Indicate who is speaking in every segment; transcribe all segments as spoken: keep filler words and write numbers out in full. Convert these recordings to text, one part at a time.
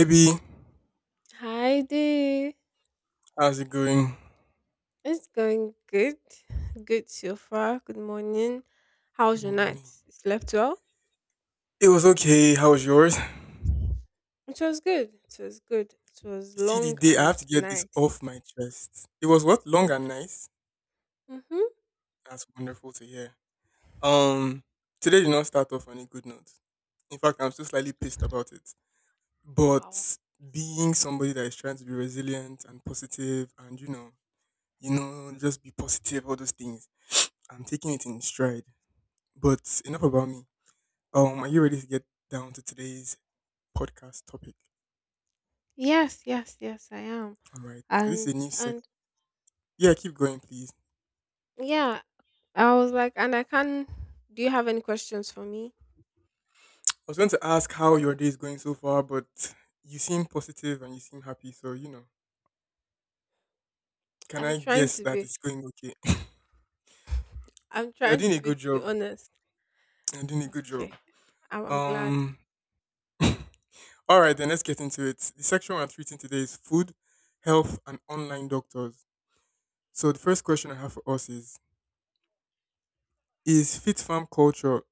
Speaker 1: Ivy,
Speaker 2: Hi there.
Speaker 1: how's it going?
Speaker 2: It's going good. Good so far. Good morning.
Speaker 1: Good
Speaker 2: How's your night?
Speaker 1: morning.
Speaker 2: You slept well?
Speaker 1: It was okay. How was yours?
Speaker 2: It was good. It was good. It
Speaker 1: You
Speaker 2: was
Speaker 1: see, the
Speaker 2: long
Speaker 1: day I
Speaker 2: and
Speaker 1: have to get this
Speaker 2: nice.
Speaker 1: off my chest. It was what long and nice.
Speaker 2: Mm-hmm.
Speaker 1: That's wonderful to hear. Um, Today did not start off on a good note. In fact, I'm still slightly pissed about it.
Speaker 2: Wow.
Speaker 1: But being somebody that is trying to be resilient and positive, and you know, you know, just be positive, all those things, I'm taking it in stride. But enough about me. Um, are you ready to get down to today's podcast topic?
Speaker 2: Yes, yes, yes, I am.
Speaker 1: All right. So this
Speaker 2: And
Speaker 1: is a new sec.
Speaker 2: and
Speaker 1: Yeah, keep going, please.
Speaker 2: yeah, I was like, and I can do you have any questions for me?
Speaker 1: I was going to ask how your day is going so far, but you seem positive and you seem happy. So you know, can
Speaker 2: I'm
Speaker 1: I
Speaker 2: trying
Speaker 1: guess
Speaker 2: to
Speaker 1: that
Speaker 2: be,
Speaker 1: it's going okay?
Speaker 2: I'm
Speaker 1: You're
Speaker 2: trying
Speaker 1: doing a
Speaker 2: to be
Speaker 1: good
Speaker 2: to be
Speaker 1: job.
Speaker 2: honest.
Speaker 1: You're doing a good job.
Speaker 2: Okay. I'm, I'm glad.
Speaker 1: Um. All right, then let's get into it. The section we're treating today is food, health, and online doctors. So the first question I have for us is: is fit farm culture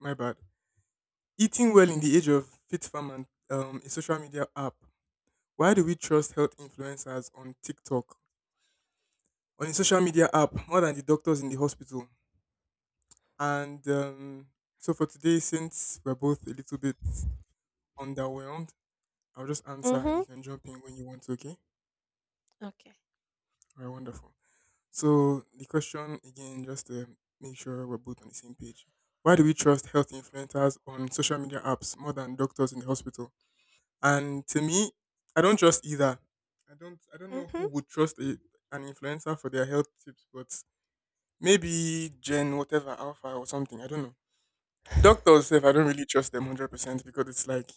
Speaker 1: my bad? Eating well in the age of fit farm and um, a social media app. Why do we trust health influencers on TikTok on a social media app more than the doctors in the hospital? And um, so for today, since we're both a little bit underwhelmed, I'll just answer and
Speaker 2: Mm-hmm.
Speaker 1: you can jump in when you want to, okay?
Speaker 2: Okay.
Speaker 1: All right, wonderful. So the question again, just to make sure we're both on the same page. Why do we trust health influencers on social media apps more than doctors in the hospital? And to me, I don't trust either. I don't I don't know who
Speaker 2: Mm-hmm.
Speaker 1: would trust a, an influencer for their health tips, but maybe Gen whatever Alpha or something. I don't know. Doctors, if I don't really trust them one hundred percent because it's like,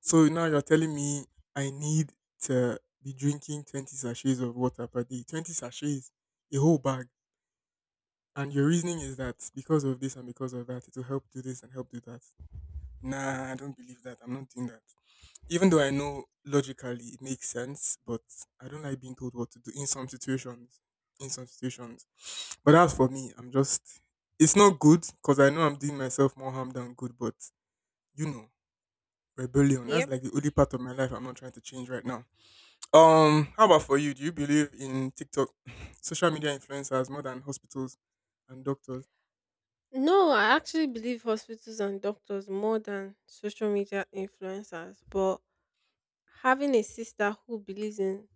Speaker 1: so now you're telling me I need to be drinking twenty sachets of water per day, twenty sachets, a whole bag. And your reasoning is that because of this and because of that, it will help do this and help do that. Nah, I don't believe that. I'm not doing that. Even though I know logically it makes sense, but I don't like being told what to do in some situations. In some situations. But as for me, I'm just, it's not good because I know I'm doing myself more harm than good, but you know. Rebellion. That's
Speaker 2: Yep.
Speaker 1: like the only part of my life I'm not trying to change right now. Um, how about for you? Do you believe in TikTok, social media influencers more than hospitals and doctors?
Speaker 2: No, I actually believe hospitals and doctors more than social media influencers. But having a sister who believes in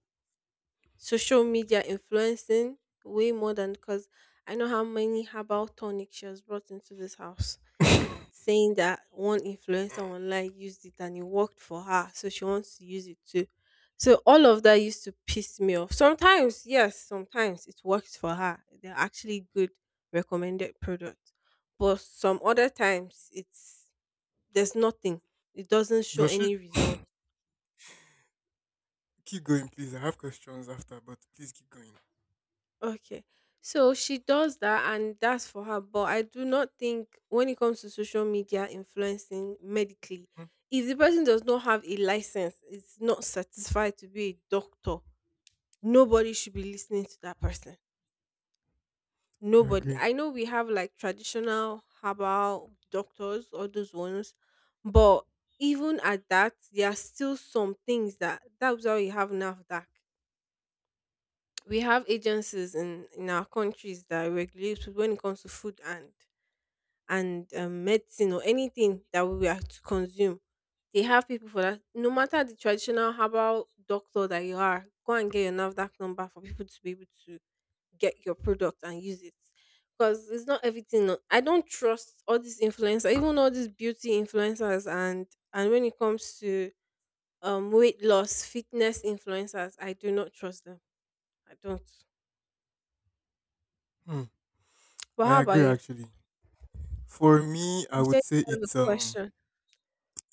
Speaker 2: social media influencing way more than, because I know how many herbal tonics she has brought into this house saying that one influencer online used it and it worked for her, so she wants to use it too. So all of that used to piss me off. Sometimes, yes, sometimes it works for her. They're actually good recommended products. But some other times it's there's nothing. It doesn't show
Speaker 1: Does she
Speaker 2: any result.
Speaker 1: keep going, please? I have questions after, but please keep going.
Speaker 2: Okay. So she does that and that's for her. But I do not think when it comes to social media influencing medically,
Speaker 1: Hmm,
Speaker 2: if the person does not have a license, is not satisfied to be a doctor, nobody should be listening to that person.
Speaker 1: I
Speaker 2: Nobody.
Speaker 1: agree.
Speaker 2: I know we have like traditional herbal doctors or those ones, but even at that, there are still some things that that's why we have NAFDAC. We have agencies in in our countries that regulate when it comes to food and and um, medicine or anything that we are to consume. They have people for that. No matter the traditional herbal doctor that you are, go and get your NAFDAC number for people to be able to get your product and use it, because it's not everything. no- I don't trust all these influencers, even all these beauty influencers. And and when it comes to um, weight loss fitness influencers, I do not trust them. I don't.
Speaker 1: Hmm,
Speaker 2: But
Speaker 1: I
Speaker 2: how about
Speaker 1: agree
Speaker 2: you?
Speaker 1: actually. For me, I
Speaker 2: You
Speaker 1: would
Speaker 2: said
Speaker 1: say
Speaker 2: you have
Speaker 1: it's
Speaker 2: a
Speaker 1: um
Speaker 2: question.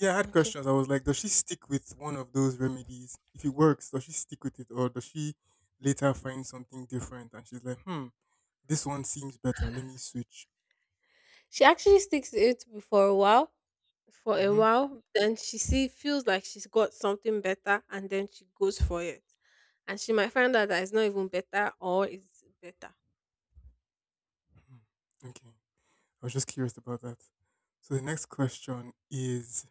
Speaker 1: yeah, I had
Speaker 2: Okay.
Speaker 1: questions. I was like, does she stick with one of those remedies? If it works, does she stick with it or does she later find something different? And she's like, hmm, this one seems better. Let me switch.
Speaker 2: She actually sticks to it for a while, for a
Speaker 1: Mhm.
Speaker 2: while. Then she see feels like she's got something better, and then she goes for it, and she might find out that it's not even better, or it's better.
Speaker 1: Mhm. Okay. I was just curious about that. So the next question is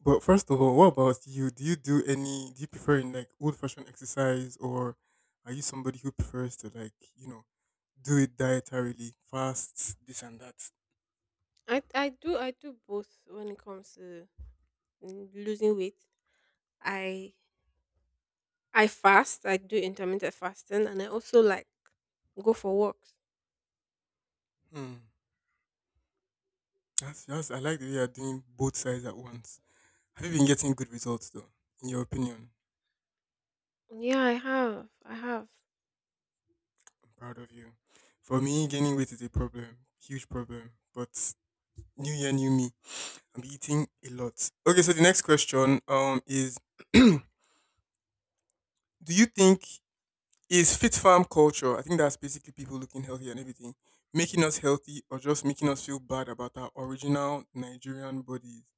Speaker 1: but first of all, what about you? Do you do any do you prefer in like old fashioned exercise or are you somebody who prefers to like, you know, do it dietarily, fasts, this and that?
Speaker 2: I I do, I do both when it comes to, mm, losing weight. I I fast. I do intermittent fasting, and I also like go for walks.
Speaker 1: Hmm. That's just I like the way you're doing both sides at once. Have you been getting good results though? In your opinion?
Speaker 2: Yeah, I have. I have.
Speaker 1: I'm proud of you. For me, gaining weight is a problem, huge problem. But new year, new me. I'm eating a lot. Okay, so the next question um is do you think is fit farm culture, I think that's basically people looking healthy and everything, making us healthy or just making us feel bad about our original Nigerian bodies?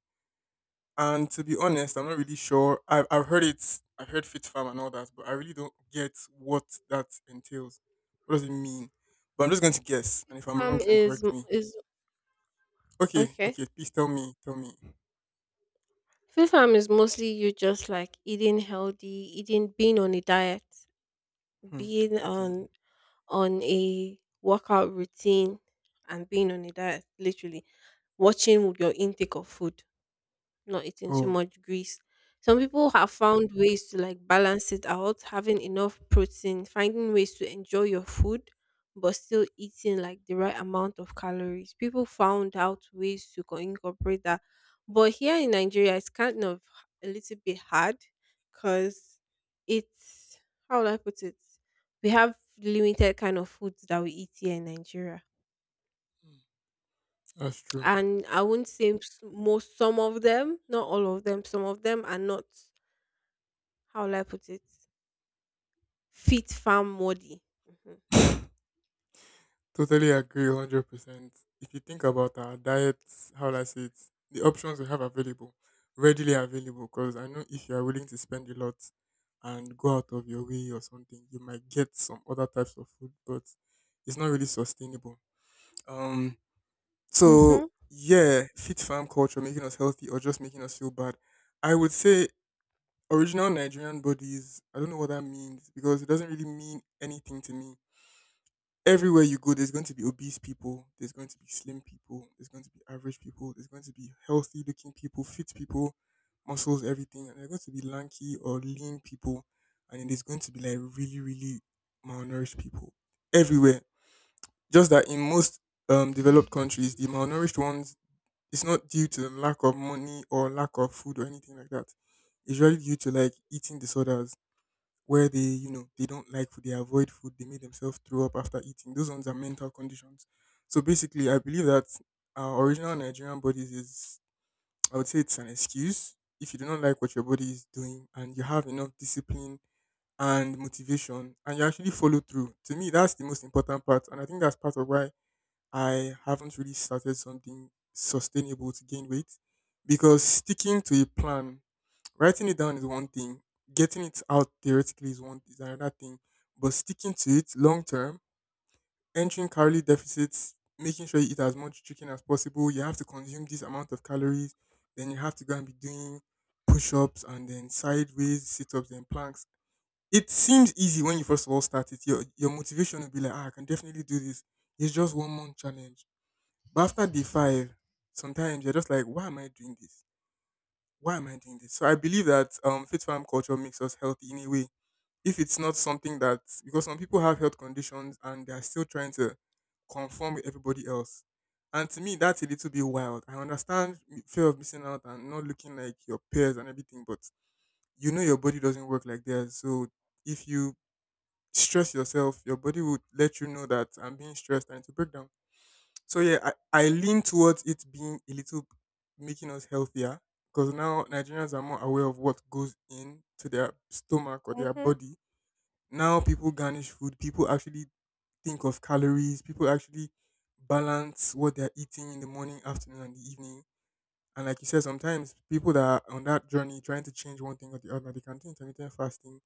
Speaker 1: And to be honest, I'm not really sure. I've, I've heard it, I've heard fit farm and all that, but I really don't get what that entails. What does it mean? But I'm just going to guess, and if I'm wrong,
Speaker 2: Farm
Speaker 1: you can
Speaker 2: is
Speaker 1: correct
Speaker 2: m-
Speaker 1: me.
Speaker 2: is
Speaker 1: Okay,
Speaker 2: Okay.
Speaker 1: okay, please tell me, tell me.
Speaker 2: Food farm is mostly you just like eating healthy, eating being on a diet,
Speaker 1: Hmm,
Speaker 2: being
Speaker 1: okay.
Speaker 2: on on a workout routine, and being on a diet. Literally watching your intake of food, not eating too
Speaker 1: Oh,
Speaker 2: much grease. Some people have found ways to like balance it out, having enough protein, finding ways to enjoy your food, but still eating like the right amount of calories. People found out ways to co- incorporate that. But here in Nigeria, it's kind of a little bit hard, because it's, how will I put it? We have limited kind of foods that we eat here in Nigeria,
Speaker 1: that's true.
Speaker 2: and I wouldn't say s- most some of them, not all of them, some of them are not, how will I put it, fit farm muddy. Mhm.
Speaker 1: Totally agree one hundred percent. If you think about our diets, how will I say it, the options we have available, readily available, because I know if you are willing to spend a lot and go out of your way or something, you might get some other types of food, but it's not really sustainable. Um, so,
Speaker 2: Mhm.
Speaker 1: yeah, fit farm culture making us healthy or just making us feel bad. I would say original Nigerian bodies, I don't know what that means because it doesn't really mean anything to me. Everywhere you go, there's going to be obese people, there's going to be slim people, there's going to be average people, there's going to be healthy looking people, fit people, muscles, everything, and there's going to be lanky or lean people, and then there's going to be like really, really malnourished people everywhere. Just that in most um, developed countries, the malnourished ones, it's not due to lack of money or lack of food or anything like that. It's really due to like eating disorders where they, you know, they don't like food, they avoid food, they make themselves throw up after eating. Those ones are mental conditions. So basically, I believe that our original Nigerian bodies is, I would say it's an excuse. If you do not like what your body is doing and you have enough discipline and motivation and you actually follow through, to me, that's the most important part. And I think that's part of why I haven't really started something sustainable to gain weight because sticking to a plan. Writing it down is one thing, getting it out theoretically is one is another thing, but sticking to it long term, entering calorie deficits, making sure you eat as much chicken as possible, you have to consume this amount of calories, then you have to go and be doing push ups and then sideways sit ups and planks. It seems easy when you first of all start it. Your your motivation will be like, ah, I can definitely do this. It's just one month challenge. But after day five, sometimes you're just like, why am I doing this? Why am I doing this? So I believe that um fit farm culture makes us healthy in a way. If it's not something that because some people have health conditions and they are still trying to conform with everybody else. And to me, that's a little bit wild. I understand m- fear of missing out and not looking like your peers and everything, but you know your body doesn't work like theirs. So if you stress yourself, your body will let you know that I'm being stressed and to break down. So yeah, I, I lean towards it being a little making us healthier because now Nigerians are more aware of what goes in to their stomach or their
Speaker 2: Mhm.
Speaker 1: body. Now people garnish food, people actually think of calories, people actually balance what they're eating in the morning, afternoon and the evening. And like you said, sometimes people that are on that journey trying to change one thing or the other, they can do intermittent fasting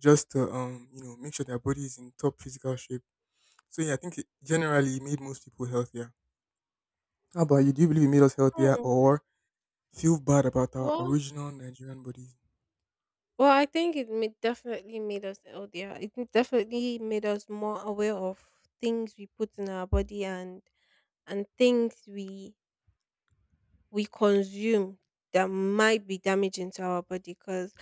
Speaker 1: just to um, you know, make sure their body is in top physical shape. So yeah, I think it generally made most people healthier. How about you? Do you believe it made us healthier
Speaker 2: Mm.
Speaker 1: or feel bad about our
Speaker 2: Well,
Speaker 1: original Nigerian bodies?
Speaker 2: well, I think it ma- definitely made us healthier. It m- definitely made us more aware of things we put in our body, and and things we we consume that might be damaging to our body, because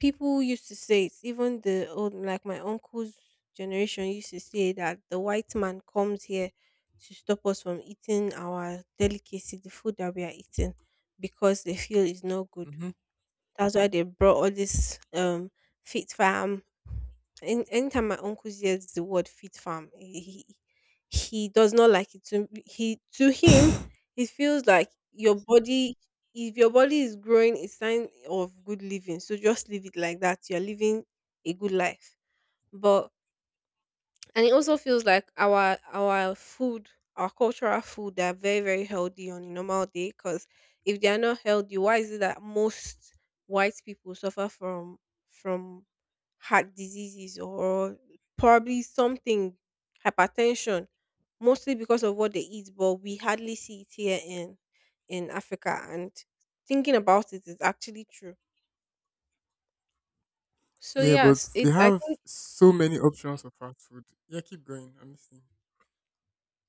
Speaker 2: people used to say, it's even the old, like my uncle's generation used to say that the white man comes here to stop us from eating our delicacy, the food that we are eating, because they feel is not good.
Speaker 1: Hmm.
Speaker 2: That's why they brought all this um, fit farm. Any anytime my uncle hears the word fit farm, he he, he does not like it. To he to him, it feels like your body. If your body is growing, it's sign of good living. So just leave it like that. You're living a good life. But, and it also feels like our our food, our cultural food, they are very, very healthy on a normal day. Because if they are not healthy, why is it that most white people suffer from from heart diseases, or probably something, hypertension, mostly because of what they eat? But we hardly see it here in in Africa. And thinking about it, is actually true. So
Speaker 1: Yeah, but
Speaker 2: yes,
Speaker 1: they
Speaker 2: it I
Speaker 1: have
Speaker 2: think.
Speaker 1: so many options of fast food. Yeah, keep going. I'm listening.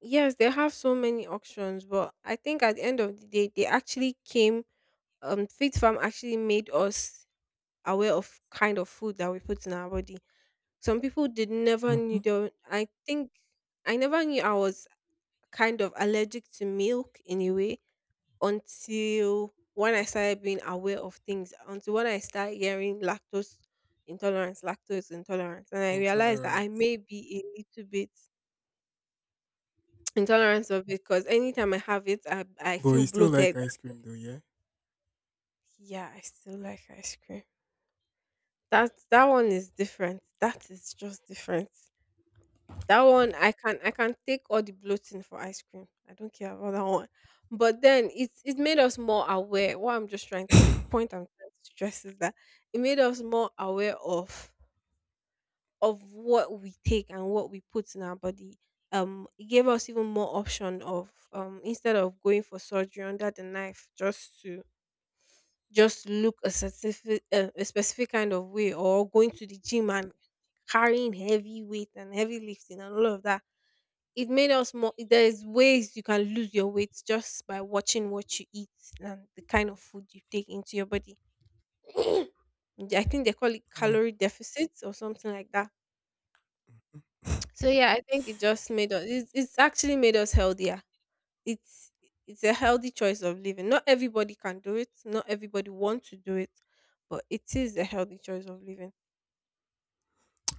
Speaker 2: Yes, they have so many options, but I think at the end of the day, they actually came. Um, Fit farm actually made us aware of kind of food that we put in our body. Some people did never knew.
Speaker 1: Mm-hmm.
Speaker 2: They were- I think I never knew I was kind of allergic to milk in a way, until when I
Speaker 1: Okay.
Speaker 2: started being aware of things. Until when I started hearing lactose intolerance, lactose intolerance, and I realized that
Speaker 1: Intolerant.
Speaker 2: I may be a little bit. Intolerance of it, because anytime I have it, I I
Speaker 1: But
Speaker 2: feel
Speaker 1: you still like
Speaker 2: bloated.
Speaker 1: ice cream though, yeah?
Speaker 2: Yeah, I still like ice cream. That that one is different. That is just different. That one I can I can take all the bloating for ice cream. I don't care about that one. But then it's it made us more aware. What I'm just trying to say, the point I'm trying to stress is that it made us more aware of of what we take and what we put in our body. Um, it gave us even more option of um, instead of going for surgery under the knife just to just look a specific uh, a specific kind of way, or going to the gym and carrying heavy weight and heavy lifting and all of that. It made us more There's ways you can lose your weight just by watching what you eat and the kind of food you take into your body. I think they call it
Speaker 1: Yeah.
Speaker 2: calorie deficits or something like that. So yeah, I think it just made us, it's, it's actually made us healthier. it's it's a healthy choice of living. Not everybody can do it. Not everybody want to do it, but it is a healthy choice of living.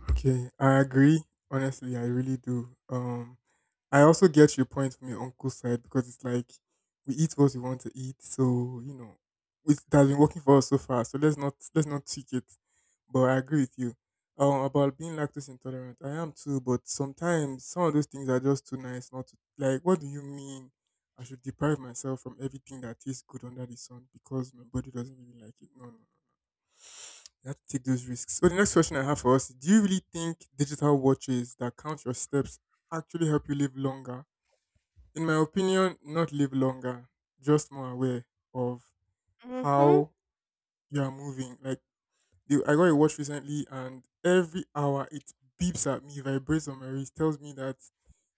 Speaker 1: Okay, I agree. Honestly, I really do. Um, I also get your point from your uncle's side because it's like we eat what we want to eat, so you know, it has been working for us so far. So let's not let's not tweak it. But I agree with you. Um, about being lactose intolerant, I am too. But sometimes some of those things are just too nice not to like. What do you mean? I should deprive myself from everything that tastes good under the sun because my body doesn't really like it. No, no. You have to take those risks. So the next question I have for us: do you really think digital watches that count your steps actually help you live longer? In my opinion, not live longer, just more aware of
Speaker 2: Mhm.
Speaker 1: how you are moving. Like the- I got a watch recently, and every hour it beeps at me, vibrates on my wrist, tells me that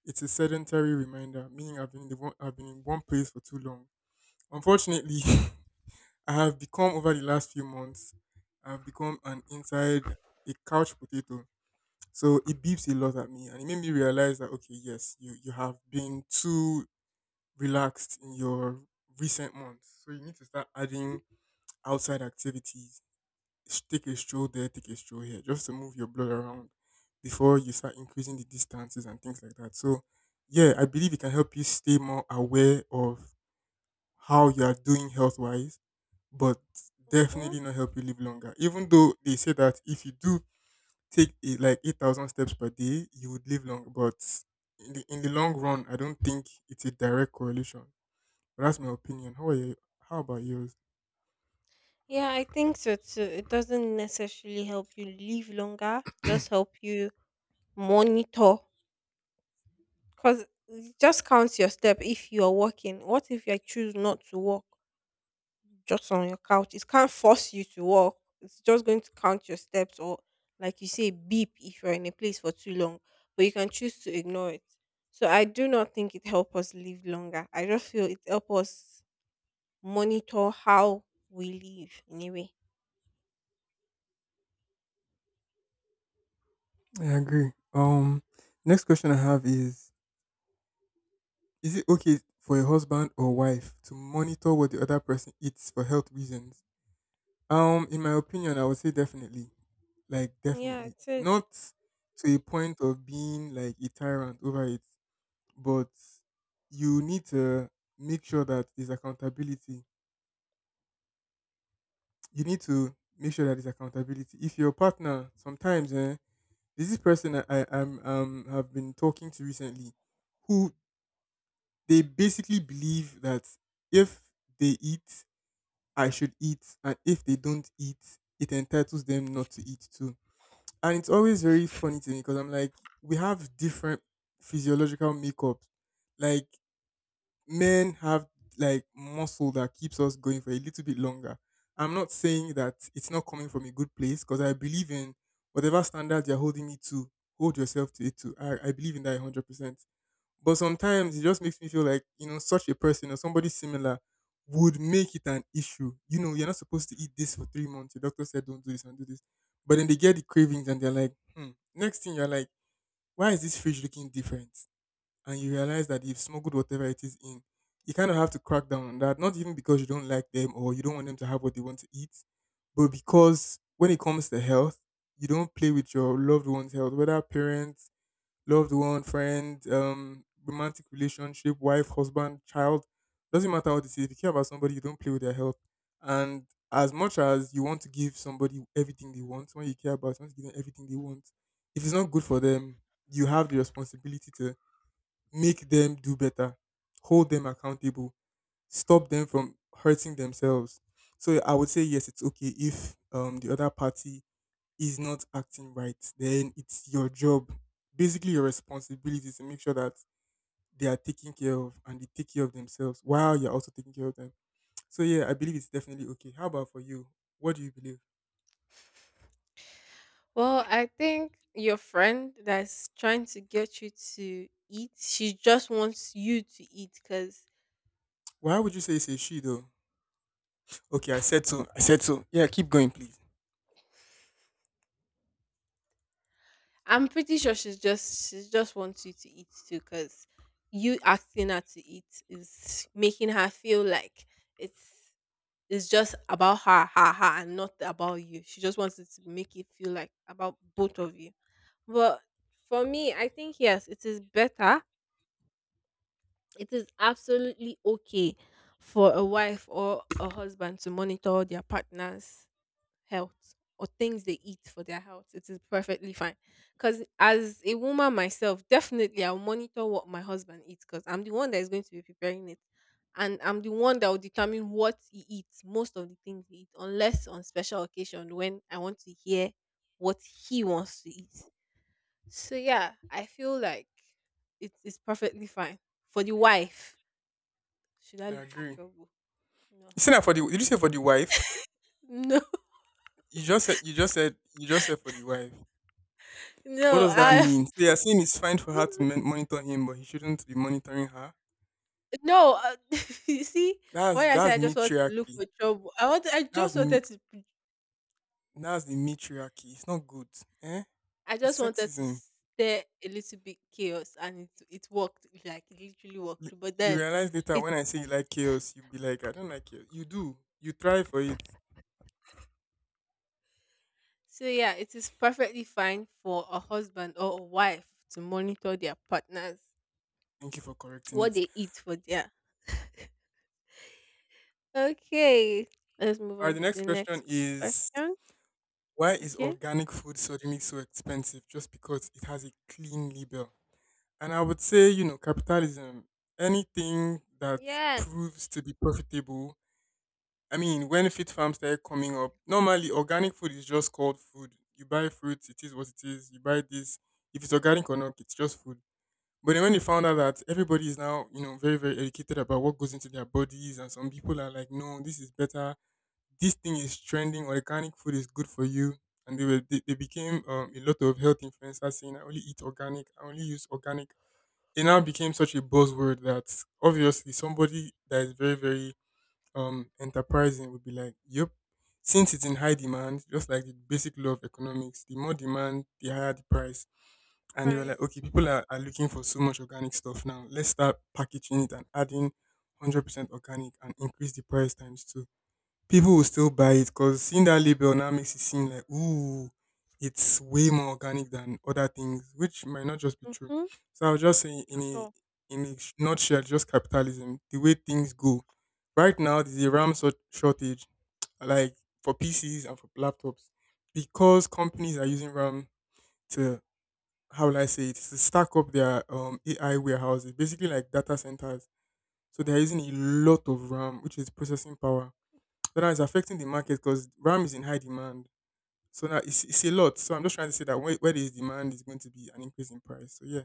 Speaker 1: it's a sedentary reminder, meaning I've been in the one, I've been in one place for too long. Unfortunately, I have become over the last few months. I've become an inside a couch potato. So it beeps a lot at me, and it made me realize that okay, yes, you you have been too relaxed in your recent months, so you need to start adding outside activities. S- Take a stroll there, take a stroll here, just to move your blood around before you start increasing the distances and things like that. So, yeah, I believe it can help you stay more aware of how you are doing health wise, but
Speaker 2: Mhm.
Speaker 1: definitely not help you live longer. Even though they say that if you do take it like eight thousand steps per day, you would live long. But in the, in the long run, I don't think it's a direct correlation. But that's my opinion. How are you? How about yours?
Speaker 2: Yeah, I think so too. It doesn't necessarily help you live longer. Just help you monitor, because just counts your step if you are walking. What if I choose not to walk? Just on your couch. It can't force you to walk. It's just going to count your steps, or like you say, beep if you're in a place for too long, but you can choose to ignore it. So I do not think it helps us live longer. I just feel it helps us monitor how we live in a way.
Speaker 1: I agree. Um, next question I have is: Is it okay for a husband or wife to monitor what the other person eats for health reasons? Um, in my opinion, I would say definitely, like
Speaker 2: Yeah,
Speaker 1: definitely,
Speaker 2: it is.
Speaker 1: not to a point of being like a tyrant over it, but you need to make sure that there's accountability, you need to make sure that there's accountability. If your partner sometimes eh, there's this person I, I am um have been talking to recently who they basically believe that if they eat, I should eat, and if they don't eat, it entitles them not to eat too. And it's always very funny to me because I'm like, we have different physiological makeups. Like men have like muscle that keeps us going for a little bit longer. I'm not saying that it's not coming from a good place because I believe in whatever standard you're holding me to, hold yourself to it too. I, I believe in that one hundred percent. But sometimes it just makes me feel like, you know, such a person or somebody similar would make it an issue. You know, you're not supposed to eat this for three months. Your doctor said don't do this and do this. But then they get the cravings and they're like, hmm. Next thing you're like, why is this fridge looking different? And you realize that they've smuggled whatever it is in, you kind of have to crack down on that. Not even because you don't like them or you don't want them to have what they want to eat, but because when it comes to health, you don't play with your loved one's health, whether parents, loved one, friend, um, romantic relationship, wife, husband, child. Doesn't matter what it is. If you care about somebody, you don't play with their health. And as much as you want to give somebody everything they want, when you care about, you want to give them everything they want. If it's not good for them, you have the responsibility to make them do better, hold them accountable, stop them from hurting themselves. So I would say yes, it's okay if um, the other party is not acting right. Then it's your job, basically your responsibility to make sure that they are taken care of and they take care of themselves while you're also taking care of them. So yeah, I believe it's definitely okay. How about for you? What do you believe?
Speaker 2: Well, I think your friend that's trying to get you to eat, she just wants you to eat because,
Speaker 1: Why would you say it's a she though? Okay, I said so. I said so. Yeah, keep going, please.
Speaker 2: I'm pretty sure she's just she just wants you to eat too, because you asking her to eat is making her feel like it's it's just about her, her, her, and not about you. She just wants it to make it feel like about both of you. But for me, I think yes, it is better. It is absolutely okay for a wife or a husband to monitor their partners health or things they eat for their health. It is perfectly fine. Because as a woman myself, definitely I'll monitor what my husband eats because I'm the one that is going to be preparing it. And I'm the one that will determine what he eats, most of the things he eats, unless on special occasion when I want to hear what he wants to eat. So yeah, I feel like it is perfectly fine for the wife. Should I
Speaker 1: I
Speaker 2: look for
Speaker 1: agree. You
Speaker 2: trouble? No,
Speaker 1: said that for the. Did you say for the wife?
Speaker 2: no,
Speaker 1: You just said you just said you just said for the wife. What
Speaker 2: no.
Speaker 1: does that
Speaker 2: I
Speaker 1: mean? So you're saying it's fine for her to mon- monitor him, but he shouldn't be monitoring her.
Speaker 2: No, uh, you see,
Speaker 1: That's
Speaker 2: when I said
Speaker 1: that's
Speaker 2: I just want to look
Speaker 1: matriarchy.
Speaker 2: for trouble, I want I
Speaker 1: That's
Speaker 2: just
Speaker 1: m-
Speaker 2: wanted to p-
Speaker 1: that's the matriarchy. It's not good. Eh?
Speaker 2: I
Speaker 1: It's
Speaker 2: just wanted to
Speaker 1: sexism.
Speaker 2: stir a little bit chaos, and it it worked, like it literally
Speaker 1: You,
Speaker 2: worked. But
Speaker 1: you
Speaker 2: then
Speaker 1: realize later when I
Speaker 2: it's
Speaker 1: say you like chaos, you'll be like, I don't like chaos. You do. You try for it.
Speaker 2: so yeah, it is perfectly fine for a husband or a wife to monitor their partners
Speaker 1: Thank you for correcting
Speaker 2: what
Speaker 1: it.
Speaker 2: they eat for their. Okay, let's move
Speaker 1: All right.
Speaker 2: on
Speaker 1: The
Speaker 2: to
Speaker 1: next
Speaker 2: the
Speaker 1: question
Speaker 2: next
Speaker 1: is
Speaker 2: question.
Speaker 1: why is
Speaker 2: Okay.
Speaker 1: organic food suddenly so expensive just because it has a clean label? And I would say, you know, capitalism, anything that
Speaker 2: Yes,
Speaker 1: proves to be profitable. I mean, when fit farms started coming up, normally organic food is just called food. You buy fruits, it is what it is. You buy this, if it's organic or not, it's just food. But then when they found out that everybody is now, you know, very, very educated about what goes into their bodies, and some people are like, no, this is better. This thing is trending. Organic food is good for you. And they were they, they became um, a lot of health influencers saying, I only eat organic. I only use organic, it now became such a buzzword that obviously somebody that is very very um enterprising would be like yep, since it's in high demand, just like the basic law of economics, the more demand the higher the price. And they were
Speaker 2: right.
Speaker 1: like okay, people are, are looking for so much organic stuff now, let's start packaging it and adding one hundred percent organic and increase the price times two, people will still buy it because seeing that label now makes it seem like ooh, it's way more organic than other things, which might not just be true.
Speaker 2: Mhm.
Speaker 1: So I would just say in
Speaker 2: At
Speaker 1: a
Speaker 2: all.
Speaker 1: in a sh- nutshell, just capitalism, the way things go. Right now, there's a RAM sor- shortage, like for P Cs and for laptops, because companies are using RAM to how will I say it to stack up their um, A I warehouses, basically like data centers. So they're using a lot of RAM, which is processing power, so now it's affecting the market because RAM is in high demand. So now it's, it's a lot. So I'm just trying to say that where, where there is demand is going to be an increase in price. So yeah.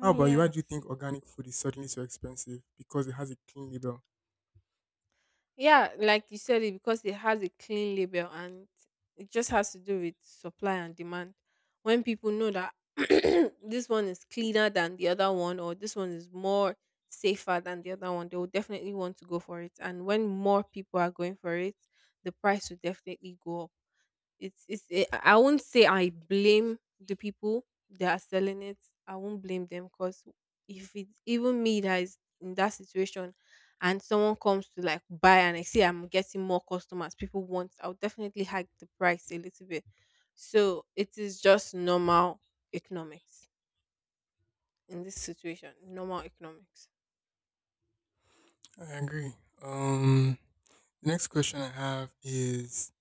Speaker 1: How about you? Why do you think organic food is suddenly so expensive? Because it has a clean label.
Speaker 2: Yeah, like you said, it because it has a clean label, and it just has to do with supply and demand. When people know that this one is cleaner than the other one, or this one is more safer than the other one, they will definitely want to go for it. And when more people are going for it, the price will definitely go up. It's it's it, I I won't say I blame the people that are selling it. I won't blame them because if it's even me that is in that situation and someone comes to like buy and I see I'm getting more customers, people want, I'll definitely hike the price a little bit. So it is just normal economics in this situation. Normal economics.
Speaker 1: I agree. Um, the next question I have is: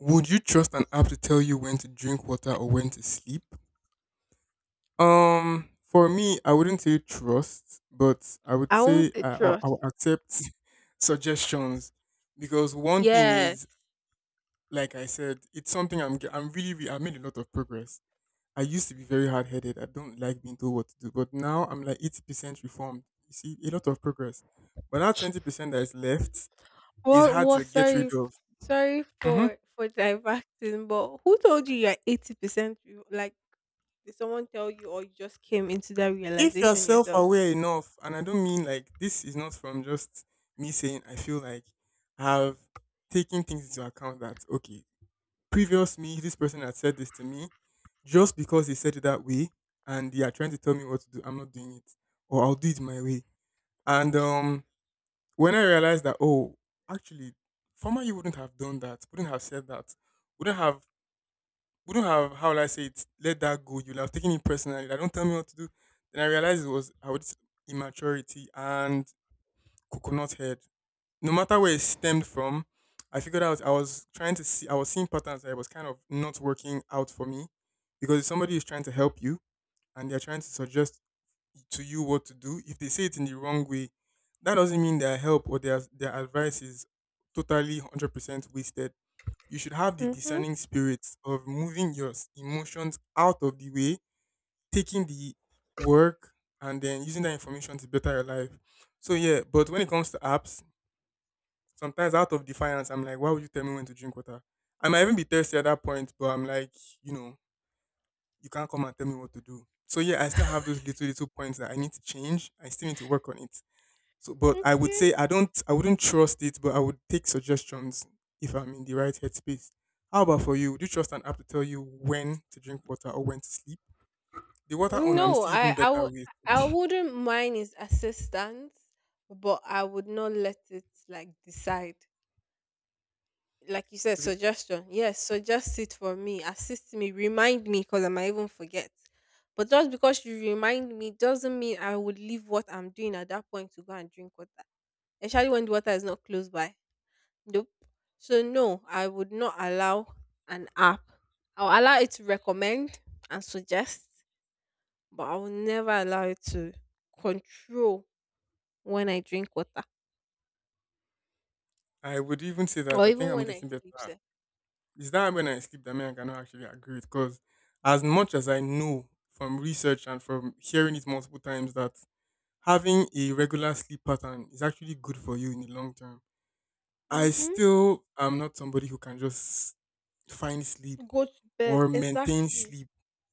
Speaker 1: Would you trust an app to tell you when to drink water or when to sleep? Um, for me, I wouldn't say trust, but I would
Speaker 2: I won't
Speaker 1: say
Speaker 2: say
Speaker 1: I, I, I
Speaker 2: trust.
Speaker 1: will accept suggestions because one thing
Speaker 2: Yes.
Speaker 1: is like I said, it's something I'm ge- I'm really really. I made a lot of progress. I used to be very hard headed. I don't like being told what to do, but now I'm like eighty percent reformed. You see, a lot of progress. But that twenty percent that is left is
Speaker 2: Well,
Speaker 1: hard
Speaker 2: well,
Speaker 1: to get
Speaker 2: sorry,
Speaker 1: rid
Speaker 2: f-
Speaker 1: of.
Speaker 2: sorry
Speaker 1: Hmm.
Speaker 2: for for diverting, but who told you you're eighty percent? Like, did someone tell you, or you just came into that
Speaker 1: If you're
Speaker 2: realization
Speaker 1: self
Speaker 2: yourself?
Speaker 1: aware enough, and I don't mean like this is not from just me saying I feel like I've taken things into account that okay, previous me, this person had said this to me just because they said it that way and they are trying to tell me what to do. I'm not doing it, or I'll do it my way. And um, when I realized that, oh, actually, former you wouldn't have done that, wouldn't have said that, wouldn't have, wouldn't have, how will I say it, let that go. You'll have taken it personally. I don't tell me what to do. Then I realized it was I would immaturity and coconut head, no matter where it stemmed from, I figured out I was trying to see, I was seeing patterns that was kind of not working out for me because if somebody is trying to help you and they're trying to suggest to you what to do, if they say it in the wrong way, that doesn't mean their help or their, their advice is totally one hundred percent wasted. You should have the
Speaker 2: Mm-hmm.
Speaker 1: discerning spirit of moving your s- emotions out of the way, taking the work, and then using that information to better your life. So, yeah, but when it comes to apps, sometimes out of defiance, I'm like, why would you tell me when to drink water? I might even be thirsty at that point, but I'm like, you know, you can't come and tell me what to do. So yeah, I still have those little little points that I need to change. I still need to work on it. So, but I would
Speaker 2: Okay.
Speaker 1: say I don't, I wouldn't trust it, but I would take suggestions if I'm in the right headspace. How about for you? Do you trust an app to tell you when to drink water or when to sleep? The water on, I'm
Speaker 2: No,
Speaker 1: still even
Speaker 2: I I
Speaker 1: better
Speaker 2: would,
Speaker 1: with.
Speaker 2: I wouldn't mind his assistance, but I would not let it like decide. Like you said,
Speaker 1: To be,
Speaker 2: suggestion. Yes, suggest it for me, assist me, remind me because I might even forget. But just because you remind me doesn't mean I would leave what I'm doing at that point to go and drink water, especially when the water is not close by. Nope. So, no, I would not allow an app. I'll allow it to recommend and suggest, but I will never allow it to control when I drink water
Speaker 1: I would even say that
Speaker 2: or
Speaker 1: I think
Speaker 2: even
Speaker 1: I'm
Speaker 2: when I
Speaker 1: getting
Speaker 2: sleep.
Speaker 1: better.
Speaker 2: Sef.
Speaker 1: It's that when I sleep that me I cannot actually agree with because as much as I know from research and from hearing it multiple times that having a regular sleep pattern is actually good for you in the long term, I
Speaker 2: Mhm.
Speaker 1: still am not somebody who can just find sleep
Speaker 2: Go to bed.
Speaker 1: or maintain
Speaker 2: Exactly.
Speaker 1: sleep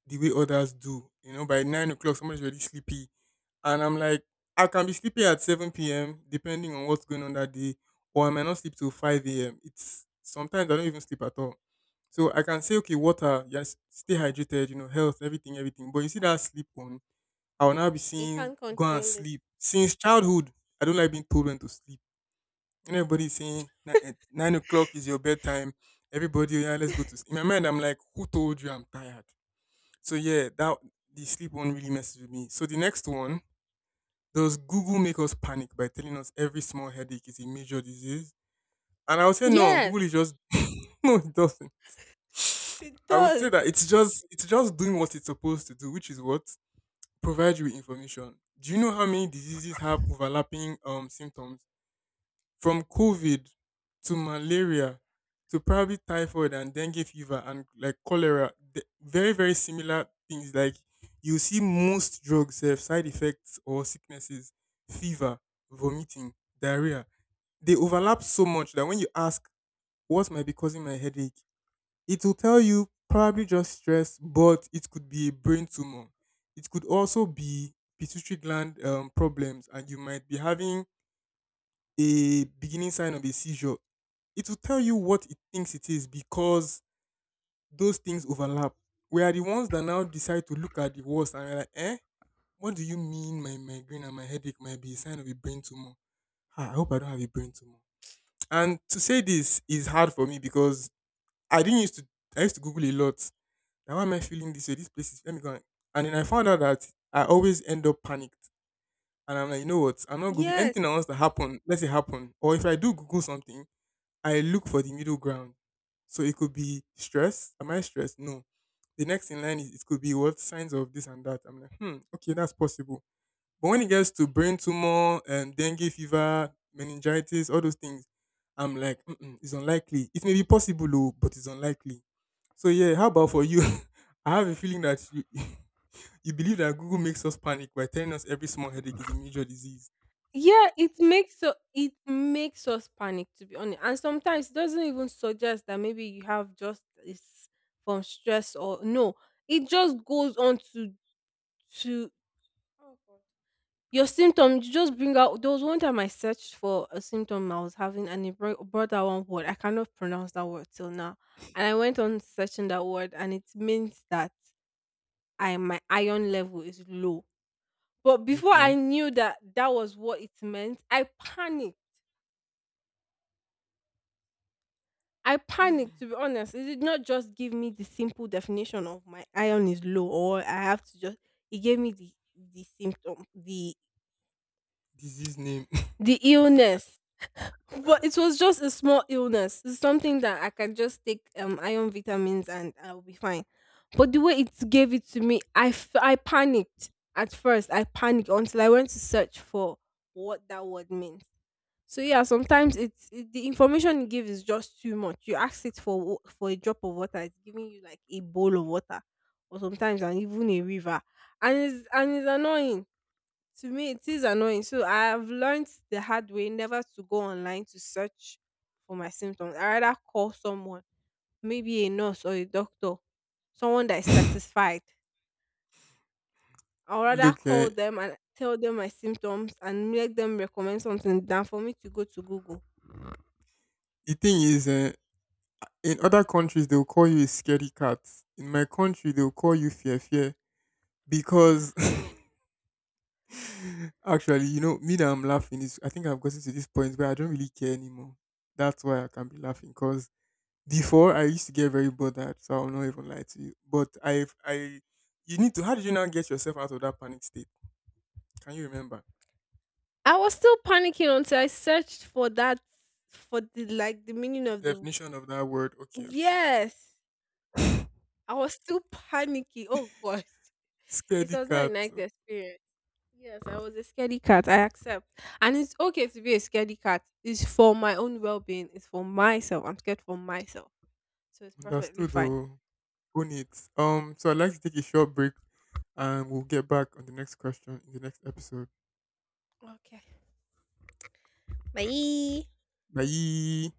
Speaker 1: the way others do. You know, by nine o'clock somebody's already sleepy. And I'm like, I can be sleepy at seven p m depending on what's going on that day, or I might not sleep till five a m. It's sometimes I don't even sleep at all. So I can say, okay, water, yes, stay hydrated, you know, health, everything, everything. But you see that sleep one, I will now be
Speaker 2: You
Speaker 1: seeing
Speaker 2: can't
Speaker 1: go and
Speaker 2: control it.
Speaker 1: sleep. Since childhood, I don't like being told when to sleep. Everybody saying, "Ni- eh, nine o'clock is your bedtime." Everybody, "Oh, yeah, let's go to sleep." In my mind, I'm like, who told you I'm tired? So yeah, that the sleep one really messes with me. So the next one, does Google make us panic by telling us every small headache is a major disease? And I would say no, Google is
Speaker 2: Yes,
Speaker 1: just no, it doesn't.
Speaker 2: it
Speaker 1: I would say
Speaker 2: does.
Speaker 1: that it's just it's just doing what it's supposed to do, which is what, provide you with information. Do you know how many diseases have overlapping um symptoms? From COVID to malaria to probably typhoid and dengue fever and like cholera, the very, very similar things. Like you see most drugs have side effects or sicknesses, fever, vomiting, diarrhea. They overlap so much that when you ask what might be causing my headache, it will tell you probably just stress, but it could be a brain tumor. It could also be pituitary gland um, problems, and you might be having a beginning sign of a seizure. It will tell you what it thinks it is because those things overlap. We are the ones that now decide to look at the worst and we're like, eh, what do you mean my migraine and my headache might be a sign of a brain tumor? Ah, I hope I don't have a brain tumor. And to say this is hard for me because I didn't used to I used to Google a lot. Now why am I feeling this way? This place is, let me go. And then I found out that I always end up panicked. And I'm like, you know what? I'm not Googling
Speaker 2: Yes.
Speaker 1: anything. That wants to happen, let it happen. Or if I do Google something, I look for the middle ground. So it could be stress. Am I stressed? No. The next in line is it could be what, signs of this and that. I'm like, hmm, okay, that's possible. But when it gets to brain tumor and dengue fever, meningitis, all those things, I'm like, mm-mm, it's unlikely. It may be possible, though, but it's unlikely. So yeah, how about for you? I have a feeling that you you believe that Google makes us panic by telling us every small headache is a major disease.
Speaker 2: Yeah, it makes u- it makes us panic, to be honest. And sometimes it doesn't even suggest that maybe you have just this from stress or no. It just goes on to to Oh, God. Your symptoms. You just bring out, there was one time I searched for a symptom I was having and it brought, brought out one word. I cannot pronounce that word till now. And I went on searching that word and it means that I, my iron level is low. But before I
Speaker 1: Okay,
Speaker 2: knew that that was what it meant, I panicked. I panicked, to be honest. It did not just give me the simple definition of my iron is low or I have to just, it gave me the, the symptom, the,
Speaker 1: disease name.
Speaker 2: the illness. But it was just a small illness. It's something that I can just take um, iron vitamins and I'll be fine. But the way it gave it to me, I, f- I panicked at first. I panicked until I went to search for what that word means. So yeah, sometimes it's it, the information you gives is just too much. You ask it for wa- for a drop of water, it's giving you like a bowl of water, or sometimes and even a river, and it's and it's annoying. To me, it is annoying. So I have learned the hard way never to go online to search for my symptoms. I rather call someone, maybe a nurse or a doctor, someone that is satisfied. I'd rather
Speaker 1: Look, eh,
Speaker 2: call them and tell them my symptoms and make them recommend something than for me to go to Google.
Speaker 1: the thing is, uh, in other countries, they'll call you a scaredy cat. In my country, they'll call you fear fear, because actually, you know, me that I'm laughing, is I think I've gotten to this point where I don't really care anymore. That's why I can be laughing, because before I used to get very bothered, so I'll not even lie to you. But I've I you need to how did you now get yourself out of that panic state? Can you remember?
Speaker 2: I was still panicking until I searched for that, for the like the meaning of the,
Speaker 1: Definition of that word. Okay, okay, okay.
Speaker 2: yes. I was still panicking. Oh gosh, it
Speaker 1: Scaredy
Speaker 2: was not a
Speaker 1: cat.
Speaker 2: nice experience. Yes, I was a scaredy cat. I accept, and it's okay to be a scaredy cat. It's for my own well being. It's for myself. I'm scared for myself, so it's perfectly
Speaker 1: Understood
Speaker 2: fine.
Speaker 1: though. Own it. Um, so I'd like to take a short break and we'll get back on the next question in the next episode.
Speaker 2: Okay, bye.
Speaker 1: Bye.